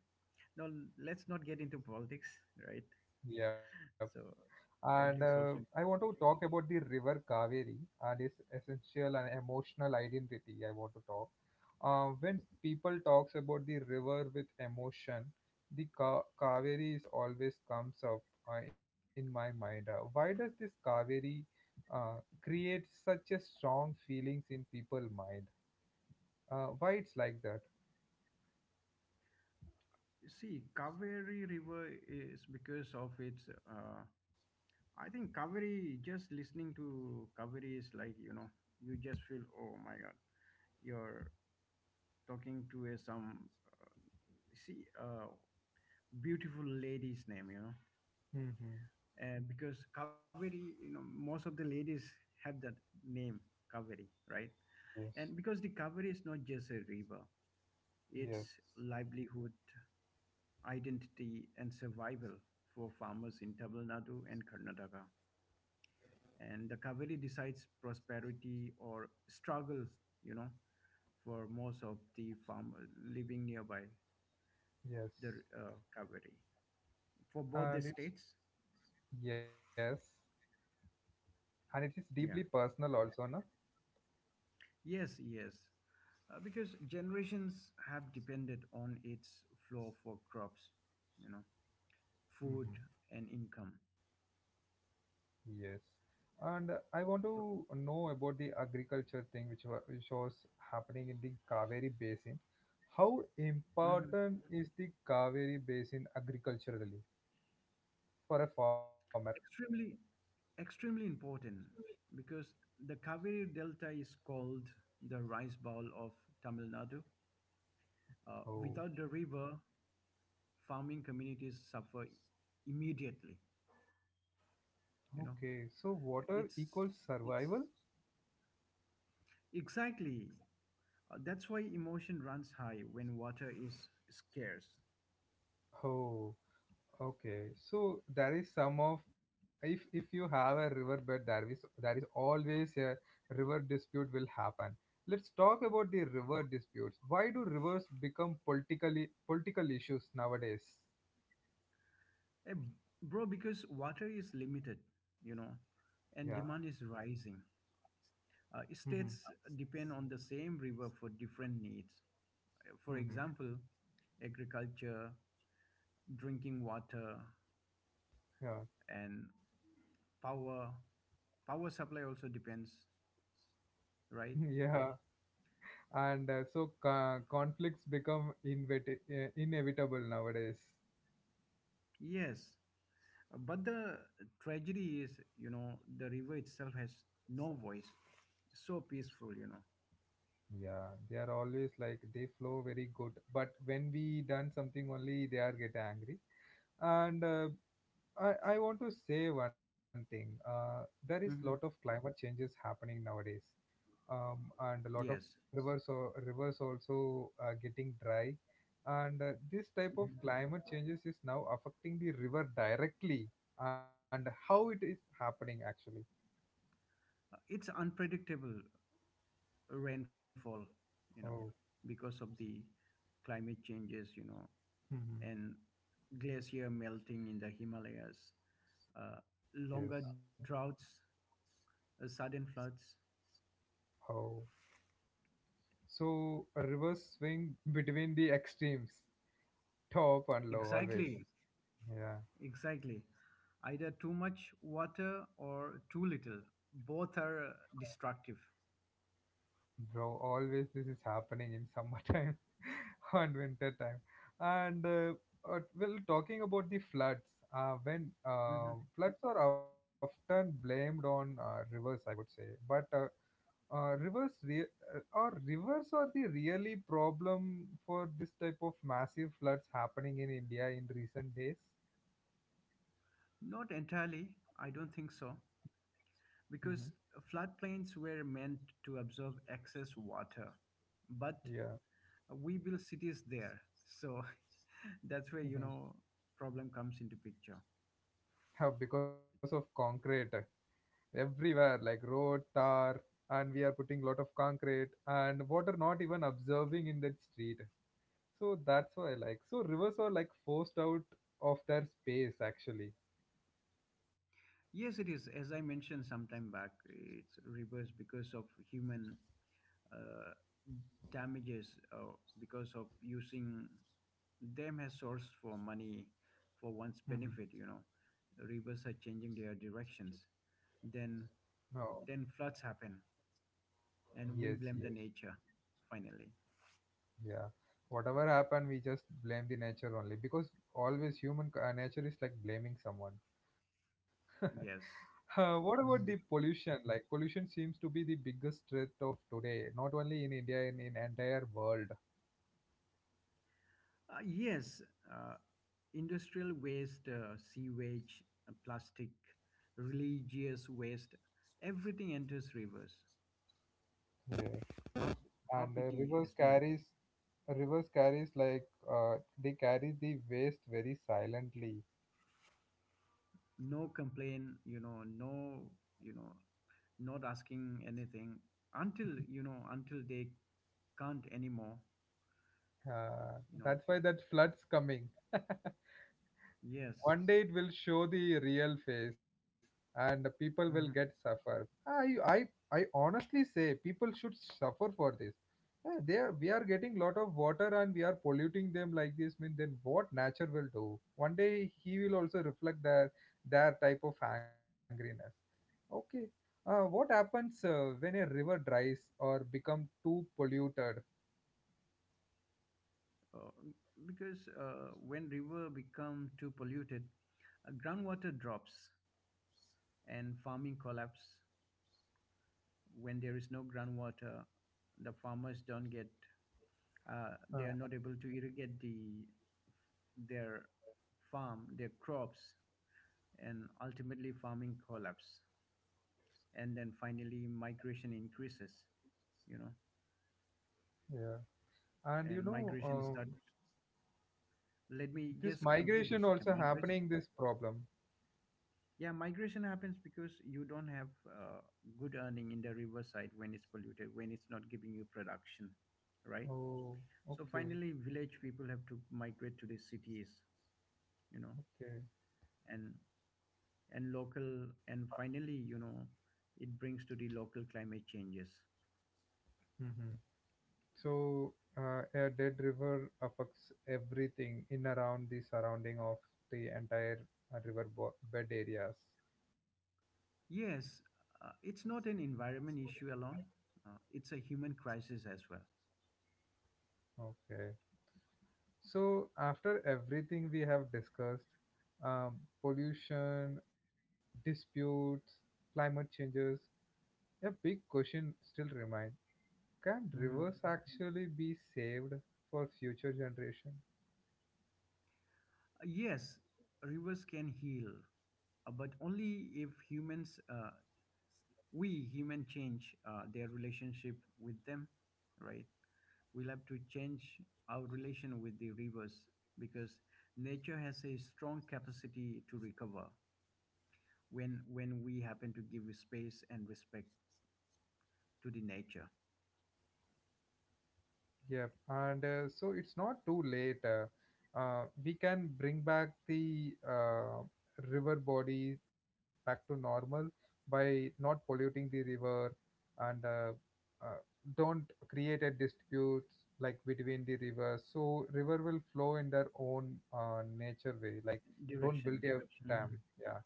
Speaker 2: Now, let's not get into politics, right?
Speaker 1: (laughs) Yeah.
Speaker 2: So
Speaker 1: And
Speaker 2: politics
Speaker 1: uh,
Speaker 2: also.
Speaker 1: I want to talk about the river Kaveri and its essential and emotional identity. I want to talk. Uh, when people talks about the river with emotion, the Ka- Kaveri is always comes up uh, in my mind. Uh, why does this Kaveri uh, create such a strong feelings in people mind? Uh, why it's like that?
Speaker 2: See, Kaveri River is because of its. Uh, I think Kaveri. Just listening to Kaveri is like, you know, you just feel oh my god, you're talking to a some, uh, see uh, beautiful lady's name, you know,
Speaker 1: Mm-hmm.
Speaker 2: uh, because Kaveri, you know, most of the ladies have that name Kaveri, right?
Speaker 1: Yes.
Speaker 2: And because the Kaveri is not just a river,
Speaker 1: Yes.
Speaker 2: it's livelihood, identity, and survival for farmers in Tamil Nadu and Karnataka. And the Kaveri decides prosperity or struggle, you know, for most of the farmers living nearby
Speaker 1: Yes.
Speaker 2: the uh, Kaveri. For both
Speaker 1: And
Speaker 2: the
Speaker 1: it's
Speaker 2: states,
Speaker 1: yes, and it is deeply
Speaker 2: yeah.
Speaker 1: personal also, na?
Speaker 2: Yes, yes. Uh, because generations have depended on its flow for crops, you know,
Speaker 1: Mhm.
Speaker 2: food, and income.
Speaker 1: Yes. And I want to
Speaker 2: So,
Speaker 1: know about the agriculture thing which wa- which was happening in the Kaveri Basin. How
Speaker 2: mm-hmm.
Speaker 1: important is the Kaveri Basin agriculturally for a farmer?
Speaker 2: Extremely, extremely important because the Kaveri Delta is called the rice bowl of Tamil Nadu. Uh,
Speaker 1: Oh,
Speaker 2: without the river, farming communities suffer immediately.
Speaker 1: okay.
Speaker 2: You know,
Speaker 1: So water equals
Speaker 2: it's
Speaker 1: survival?
Speaker 2: exactly, uh, that's why emotion runs high when water is scarce.
Speaker 1: Oh. Okay, so there is some of, if if you have a riverbed, there is there is always a river dispute will happen. Let's talk about the river disputes. Why do rivers become politically political issues nowadays?
Speaker 2: Eh, bro, because water is limited. You know,
Speaker 1: Yeah.
Speaker 2: and demand is rising. Uh,
Speaker 1: Mm-hmm.
Speaker 2: states depend on the same river for different needs. For
Speaker 1: Mm-hmm.
Speaker 2: example, agriculture, drinking water,
Speaker 1: Yeah.
Speaker 2: and power. Power supply also depends,
Speaker 1: (laughs)
Speaker 2: right?
Speaker 1: Yeah. And uh, so co- conflicts become invet- uh, inevitable nowadays.
Speaker 2: Yes. But the tragedy is, you know, the river itself has no voice. So peaceful, you know.
Speaker 1: Yeah, they are always like they flow very good, but when we done something only they are get angry, and uh, I, I want to say one thing. Uh, there is lot
Speaker 2: Hmm.
Speaker 1: of climate changes happening nowadays, um, and a lot of
Speaker 2: Yes.
Speaker 1: rivers or rivers also uh, getting dry, and uh, this type of
Speaker 2: Mhm.
Speaker 1: climate changes is now affecting the river directly, and how it is happening actually.
Speaker 2: Uh, it's unpredictable rainfall, you know,
Speaker 1: Oh,
Speaker 2: because of the climate changes, you know,
Speaker 1: hmm,
Speaker 2: and glacier melting in the Himalayas, uh,
Speaker 1: yes.
Speaker 2: longer droughts, uh, sudden floods.
Speaker 1: Oh, so a rivers swing between the extremes, top and low always.
Speaker 2: Exactly,
Speaker 1: Yeah.
Speaker 2: exactly. Either too much water or too little. Both are uh, destructive.
Speaker 1: Bro, always this is happening in summertime (laughs) and winter time, and uh, uh, well talking about the floods, uh, when uh,
Speaker 2: Mhm.
Speaker 1: floods are often blamed on uh, rivers, I would say, but uh, uh, rivers re- uh, or rivers are the really problem for this type of massive floods happening in India in recent days.
Speaker 2: Not entirely, I don't think so,
Speaker 1: Hmm.
Speaker 2: because floodplains were meant to absorb excess water, but
Speaker 1: Yeah.
Speaker 2: we build cities there, so (laughs) that's where, you
Speaker 1: Mhm.
Speaker 2: know, problem comes into picture.
Speaker 1: Uh, (laughs) because of concrete everywhere, like road tar, and we are putting lot of concrete and water not even observing in that street. So that's why like so rivers are like forced out of their space actually.
Speaker 2: Yes, it is. As I mentioned some time back, it's reversed because of human uh, damages, uh, because of using them as source for money for one's
Speaker 1: Mhm.
Speaker 2: benefit. You know, rivers are changing their directions. Then,
Speaker 1: No.
Speaker 2: then floods happen, and we
Speaker 1: Yes,
Speaker 2: blame the
Speaker 1: yes,
Speaker 2: nature. Finally,
Speaker 1: yeah, whatever happened we just blame the nature only because always human c- uh, nature is like blaming someone. (laughs) Uh,
Speaker 2: yes.
Speaker 1: what about the
Speaker 2: Mm-hmm.
Speaker 1: pollution? Like pollution seems to be the biggest threat of today, not only in India, in in entire world.
Speaker 2: Uh, yes, uh, industrial waste, uh, sewage, uh, plastic, religious waste, everything enters rivers. How how
Speaker 1: And uh,
Speaker 2: pity
Speaker 1: rivers
Speaker 2: is not it?
Speaker 1: carries Rivers carries like, uh, they carry the waste very silently.
Speaker 2: No complaint, you know, no, you know, not asking anything until you know until they can't anymore,
Speaker 1: Uh,
Speaker 2: you know.
Speaker 1: that's why that flood's coming. (laughs)
Speaker 2: Yes.
Speaker 1: One day it will show the real face, and the people will get
Speaker 2: Mhm.
Speaker 1: suffer. I I I honestly say people should suffer for this. Uh, They are, we are getting lot of water and we are polluting them like this. Mean then what nature will do? One day he will also reflect their their type of angriness. Okay. Uh, what happens uh, when a river dries or become too polluted?
Speaker 2: Uh, because uh, when river become too polluted, uh, groundwater drops and farming collapse. When there is no groundwater, the farmers don't get, uh,
Speaker 1: Uh,
Speaker 2: they are not able to irrigate the their farm, their crops, and ultimately farming collapse. And then finally migration increases, you know,
Speaker 1: yeah. And you
Speaker 2: and
Speaker 1: know,
Speaker 2: migration
Speaker 1: um,
Speaker 2: start. Let me
Speaker 1: this
Speaker 2: just complete
Speaker 1: migration
Speaker 2: this. Okay,
Speaker 1: also
Speaker 2: migration.
Speaker 1: happening this problem.
Speaker 2: Yeah, migration happens because you don't have uh, good earning in the riverside when it's polluted, when it's not giving you production, right?
Speaker 1: Oh,
Speaker 2: So
Speaker 1: okay,
Speaker 2: finally, village people have to migrate to the cities, you know,
Speaker 1: okay.
Speaker 2: and and local and finally, you know, it brings to the local climate changes.
Speaker 1: Hmm. So, uh, a dead river affects everything in around the surrounding of the entire, uh, river bo- bed areas.
Speaker 2: Yes, uh, it's not an environment issue alone. Uh, it's a human crisis as well.
Speaker 1: Okay. So, after everything we have discussed, um, pollution, disputes, climate changes, a big question still remains. Can
Speaker 2: Mhm.
Speaker 1: rivers actually be saved for future generation?
Speaker 2: Uh, yes, rivers can heal, uh, but only if humans, uh, we human, change uh, their relationship with them, right? We'll have to change our relation with the rivers because nature has a strong capacity to recover when when we happen to give space and respect to the nature
Speaker 1: Yep, and uh, so it's not too late. Uh, uh, we can bring back the uh, river body back to normal by not polluting the river and, uh, uh, don't create a dispute like between the rivers. So river will flow in their own uh, nature way. Like don't build
Speaker 2: direction.
Speaker 1: a dam.
Speaker 2: Mhm.
Speaker 1: Yeah,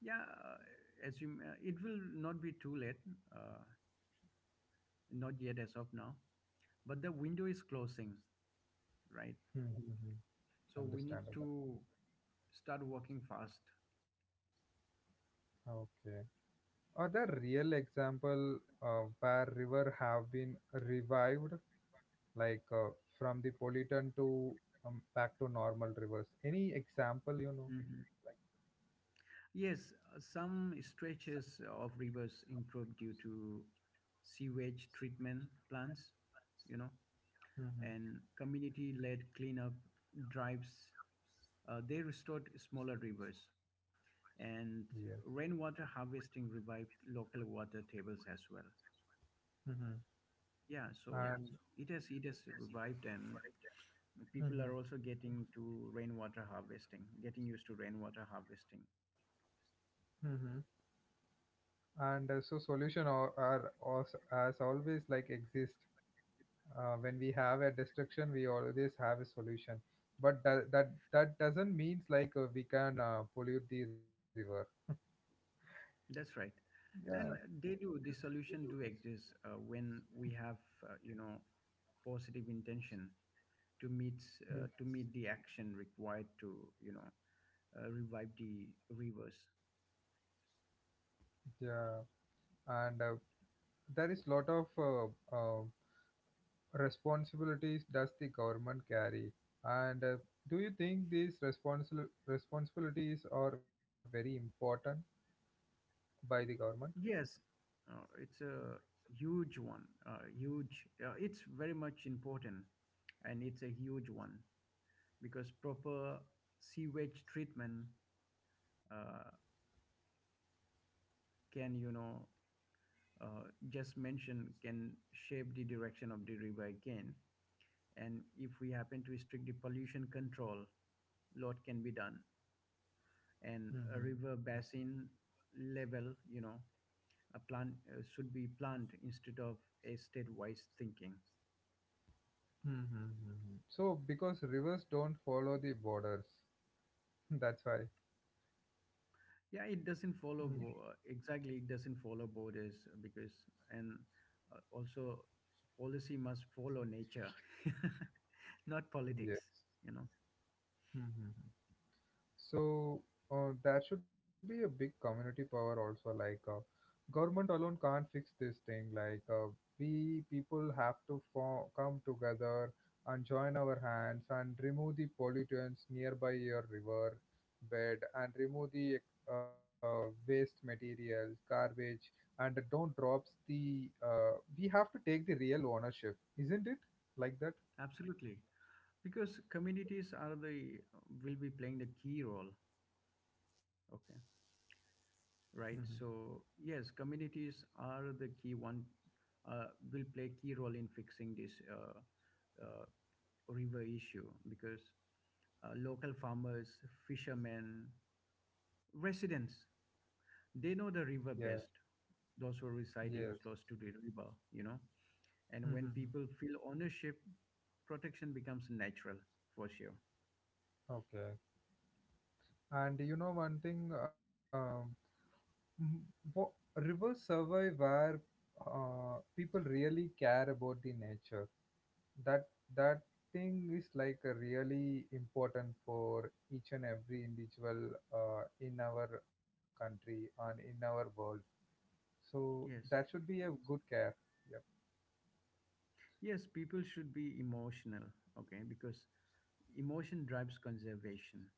Speaker 2: Yeah, uh, as you, uh, it will not be too late, uh, not yet as of now, but the window is closing, right?
Speaker 1: mm-hmm.
Speaker 2: So we need
Speaker 1: Understandable.
Speaker 2: to start working fast.
Speaker 1: Okay. Are there real example uh, where river have been revived, like, uh, from the pollutant to um, back to normal rivers. Any example you know?
Speaker 2: Mhm. Yes, uh, some stretches of rivers improve due to sewage treatment plants, you know,
Speaker 1: Mm-hmm.
Speaker 2: and community led cleanup drives. Uh, they restored smaller rivers,
Speaker 1: Yes.
Speaker 2: and rainwater harvesting revived local water tables as well.
Speaker 1: Mm-hmm.
Speaker 2: Yeah, so
Speaker 1: And
Speaker 2: it has it has revived, and people
Speaker 1: mm-hmm.
Speaker 2: are also getting to rainwater harvesting, getting used to rainwater harvesting.
Speaker 1: Mm-hmm. And uh, so solution are, are also, as always like exist. Uh, when we have a destruction, we always have a solution. But that that, that doesn't means like uh, we can uh, pollute the river.
Speaker 2: That's right.
Speaker 1: Yeah.
Speaker 2: And they do, the solution do exist uh, when we have, uh, you know, positive intention to meet, uh,
Speaker 1: Mm.
Speaker 2: to meet the action required to, you know, uh, revive the rivers.
Speaker 1: Yeah, and uh, there is lot of uh, uh, responsibilities does the government carry, and uh, do you think these responsi- responsibilities are very important by the government?
Speaker 2: Yes, uh, it's a huge one, uh, huge, uh, it's very much important and it's a huge one because proper sewage treatment uh, can, you know, uh, just mentioned can shape the direction of the river again. And if we happen to strict the pollution control, lot can be done. And a
Speaker 1: Mm-hmm.
Speaker 2: river basin level, you know, a plan uh, should be planned instead of a state-wise thinking.
Speaker 1: Mm-hmm. Mm-hmm. So because rivers don't follow the borders (laughs) that's why.
Speaker 2: Yeah, it doesn't follow bo- uh, exactly. It doesn't follow borders because and uh, also policy must follow nature, (laughs) not
Speaker 1: Mm-hmm.
Speaker 2: politics.
Speaker 1: Yes.
Speaker 2: You know,
Speaker 1: Mm-hmm. So uh, that should be a big community power also. Like uh, government alone can't fix this thing. Like uh, we people have to form, come together and join our hands and remove the pollutants nearby your river bed and remove the uh, waste materials, garbage, and don't drops the. Uh, we have to take the real ownership, isn't it? Like that?
Speaker 2: absolutely. Because communities are the will be playing the key role, okay,
Speaker 1: Hmm.
Speaker 2: right? So yes, communities are the key one, uh, will play key role in fixing this, uh, uh, river issue because, uh, local farmers, fishermen, residents, they know the
Speaker 1: Yeah.
Speaker 2: river best, those who are
Speaker 1: Yes.
Speaker 2: residing close to the river, you know, and when
Speaker 1: Hmm.
Speaker 2: people feel ownership, protection becomes natural, for sure.
Speaker 1: Okay. And you know one thing, um, m- wo- rivers survive where uh, people really care about the nature. That that thing is like a really important for each and every individual uh, in our country and in our world. So that
Speaker 2: Yes.
Speaker 1: should be a good care. Yep.
Speaker 2: Yes, people should be emotional, okay, because emotion drives conservation.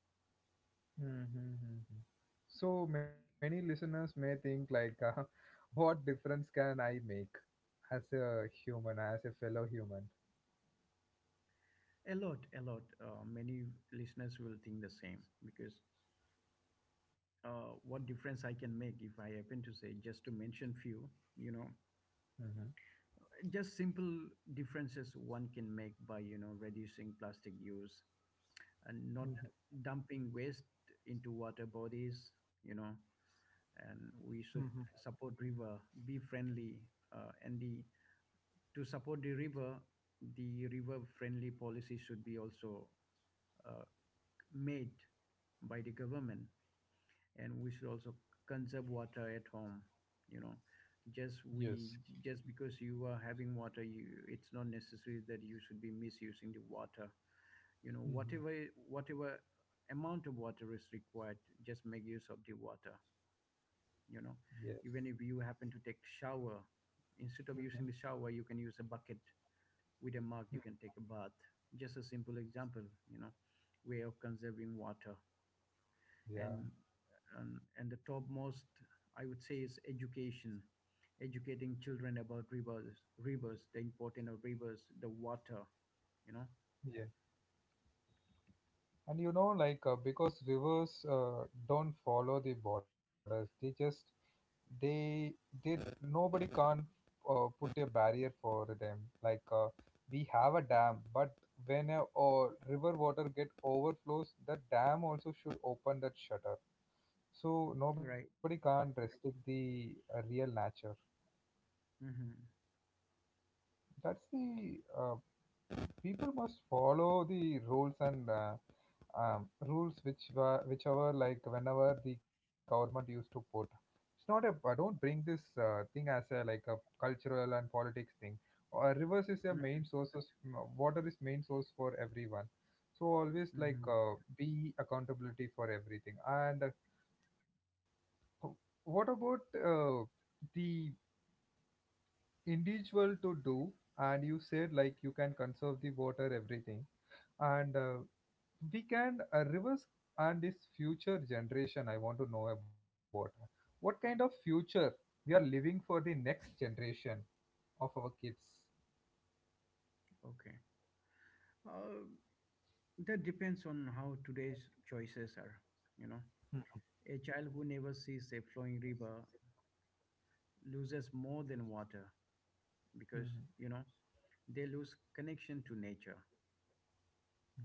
Speaker 1: Mm-hmm. So many listeners may think like, uh, (laughs) what difference can I make as a human, as a fellow human?
Speaker 2: A lot, a lot. Uh, many listeners will think the same because, uh, what difference I can make if I happen to say, just to mention few, you know, just simple differences one can make by, you know, reducing plastic use and not
Speaker 1: Mhm.
Speaker 2: dumping waste into water bodies, you know, and we
Speaker 1: Mhm.
Speaker 2: should support river, be friendly, uh, and the to support the river, the river friendly policy should be also uh, made by the government, and we should also conserve water at home. You know, just
Speaker 1: Yes.
Speaker 2: we just because you are having water, you, it's not necessary that you should be misusing the water. You know,
Speaker 1: Mhm.
Speaker 2: whatever whatever amount of water is required, just make use of the water. You know,
Speaker 1: Yes.
Speaker 2: even if you happen to take shower, instead of using the
Speaker 1: Mhm.
Speaker 2: shower, you can use a bucket with a mug
Speaker 1: Mhm.
Speaker 2: you can take a bath, just a simple example, you know, way of conserving water.
Speaker 1: Yeah.
Speaker 2: And and, and the topmost, I would say, is education, educating children about rivers, rivers the importance of rivers, the water, you know,
Speaker 1: Yeah. And you know, like uh, because rivers uh, don't follow the borders, they just they they nobody can't uh, put a barrier for them. Like uh, we have a dam, but when a or river water get overflows, the dam also should open that shutter. So nobody
Speaker 2: right.
Speaker 1: can't restrict the uh, real nature.
Speaker 2: Mm-hmm.
Speaker 1: That's the uh, people must follow the rules and uh, um, rules which were whichever like whenever the government used to put, it's not a uh, don't bring this uh, thing as a like a cultural and politics thing. Uh, rivers is a main source of, water is main source for everyone, so always like
Speaker 2: Mm-hmm.
Speaker 1: uh, be accountability for everything and uh, what about uh, the individual to do? And you said like you can conserve the water, everything, and uh, we can uh, reverse, and this future generation I want to know about, what kind of future we are living for the next generation of our kids.
Speaker 2: Okay, uh, that depends on how today's choices are, you know.
Speaker 1: Hmm.
Speaker 2: A child who never sees a flowing river loses more than water, because,
Speaker 1: Mhm.
Speaker 2: you know, they lose connection to nature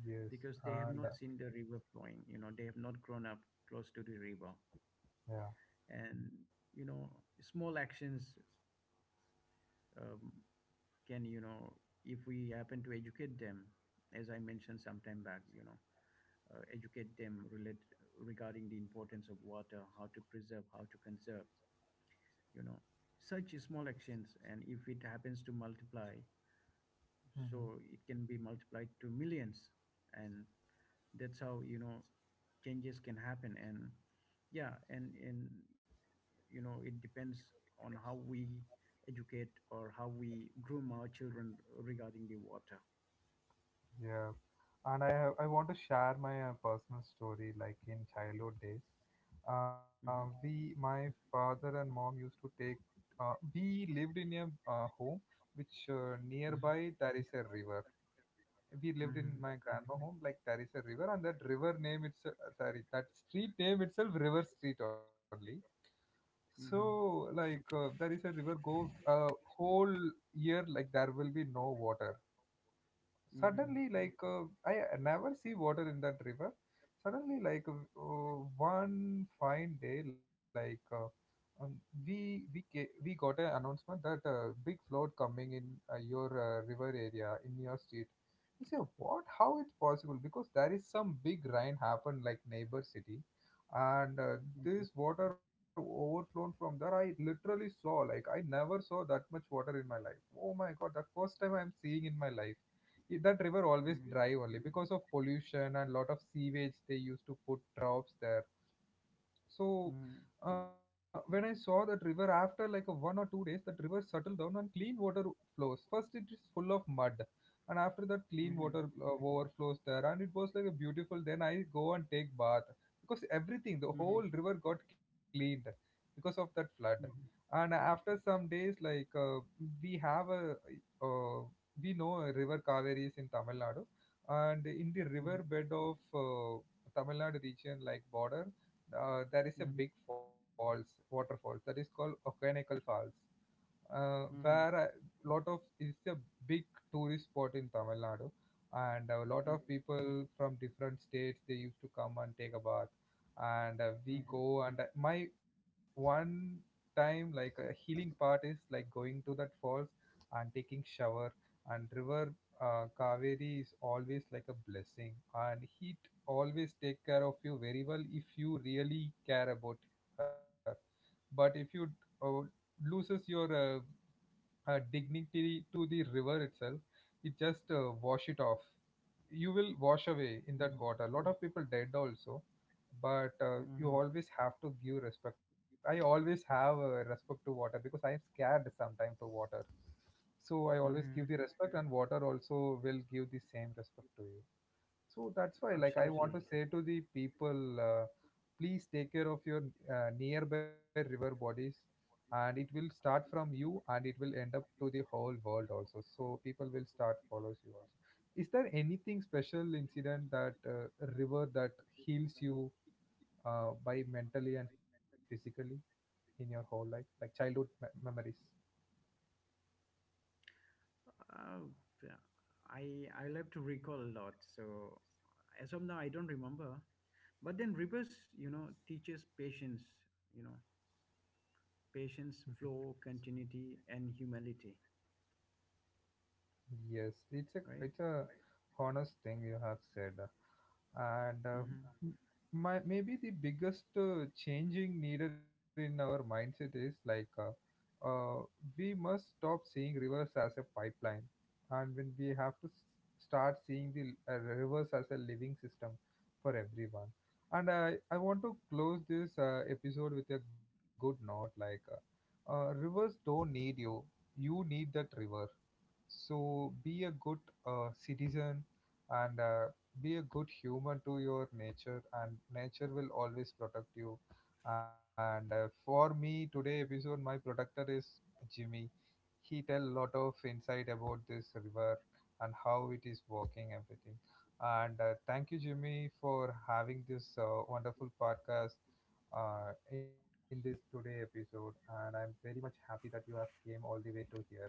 Speaker 1: Yes.
Speaker 2: because they have
Speaker 1: And uh,
Speaker 2: not seen the river flowing, you know, they have not grown up close to the river.
Speaker 1: yeah.
Speaker 2: And you know, small actions, um, can, you know, if we happen to educate them, as I mentioned some time back, you know, uh, educate them relate regarding the importance of water, how to preserve, how to conserve, you know, such small actions, and if it happens to multiply,
Speaker 1: Hmm.
Speaker 2: so it can be multiplied to millions, and that's how, you know, changes can happen. And yeah, and and you know, it depends on how we educate or how we groom our children regarding the water.
Speaker 1: Yeah. And I have, I want to share my uh, personal story, like in childhood days, uh, we,
Speaker 2: Hmm.
Speaker 1: my father and mom used to take, uh, we lived in a uh, home which uh, nearby there is a river. We lived in
Speaker 2: Hmm.
Speaker 1: my grandma home, like there is a river, and that river name it's uh, sorry, that street name itself river street only. So
Speaker 2: Mhm,
Speaker 1: like uh, there is a river go uh, whole year like there will be no water. Suddenly
Speaker 2: mhm,
Speaker 1: like uh, I never see water in that river. Suddenly like uh, one fine day like uh, um, we we ca- we got an announcement that a big flood coming in uh, your uh, river area in your street. We say what, how it's possible, because there is some big rain happened like neighbor city, and uh, this
Speaker 2: mhm,
Speaker 1: water overflown from there. I literally saw like I never saw that much water in my life. Oh my god, the first time I am seeing in my life. I- that river always
Speaker 2: mhm,
Speaker 1: dry only because of pollution and lot of sewage they used to put drops there. So
Speaker 2: mhm,
Speaker 1: uh, when I saw that river after like a one or two days, that river settled down and clean water flows. First, it is full of mud, and after that, clean water uh, overflows there, and it was like a beautiful. Then I go and take bath because everything, the
Speaker 2: mhm, mhm, mhm,
Speaker 1: whole
Speaker 2: mhm, mhm,
Speaker 1: river got cleaned because of that flood. And after some days, like uh, we have a, uh, we know a river Kaveri is in Tamil Nadu, and in the river bed of uh, Tamil Nadu region, like border uh, there is a
Speaker 2: mhm,
Speaker 1: big falls, waterfall. That is called Okanagan Falls, uh, where
Speaker 2: mhm,
Speaker 1: a lot of, it's a big tourist spot in Tamil Nadu, and a lot of people from different states they used to come and take a bath, and uh, we
Speaker 2: mhm,
Speaker 1: go, and uh, my one time like a healing part is like going to that falls and taking shower, and river uh, Kaveri is always like a blessing and heat, always take care of you very well if you really care about her. But if you uh, loses your uh, uh, dignity to the river itself, it just uh, wash it off, you will wash away in that
Speaker 2: mhm,
Speaker 1: water, a lot of people dead also. But uh, you
Speaker 2: mhm,
Speaker 1: always have to give respect. I always have uh, respect to water because I am scared sometimes to water. So I always
Speaker 2: mhm.
Speaker 1: give the respect and water also will give the same respect to you. So that's why, like, I want
Speaker 2: Absolutely.
Speaker 1: to say to the people, uh, please take care of your uh, nearby river bodies, and it will start from you, and it will end up to the whole world also. So people will start follows you also. Is there anything special incident that uh, river that heals you uh, by mentally and physically in your whole life, like childhood me- memories?
Speaker 2: Uh, yeah, I I love to recall a lot. So as of now, I don't remember. But then Rebus, you know, teaches patience. You know,
Speaker 1: Mhm.
Speaker 2: patience, flow, continuity, and humility.
Speaker 1: Yes, it's a
Speaker 2: Right.
Speaker 1: it's a honest thing you have said, and uh,
Speaker 2: Hmm.
Speaker 1: m- my, maybe the biggest uh, changing needed in our mindset is like uh, uh, we must stop seeing rivers as a pipeline, and when we have to s- start seeing the l- uh, rivers as a living system for everyone. And I I want to close this uh, episode with a good note, like uh, uh, rivers don't need you, you need that river, so be a good uh, citizen, and uh, be a good human to your nature, and nature will always protect you. And uh, for me, today episode, my protector is Jimmy. He tell a lot of insight about this river and how it is working, everything. And uh, thank you, Jimmy, for having this uh, wonderful podcast uh, in this today episode. And I'm very much happy that you have came all the way to here.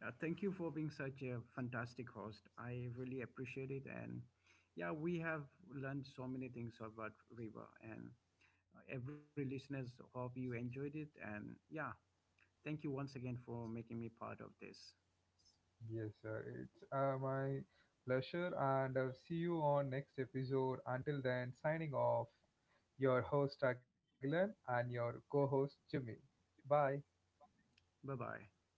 Speaker 2: Yeah. Thank you for being such a fantastic host. I really appreciate it. And yeah, we have learned so many things about Reba. And uh, every listeners hope you enjoyed it. And yeah, thank you once again for making me part of this.
Speaker 1: Yes, sir. It's uh, my pleasure, and I'll see you on next episode. Until then, signing off, your host Aguilan and your co-host Jimmy. Bye.
Speaker 2: Bye bye.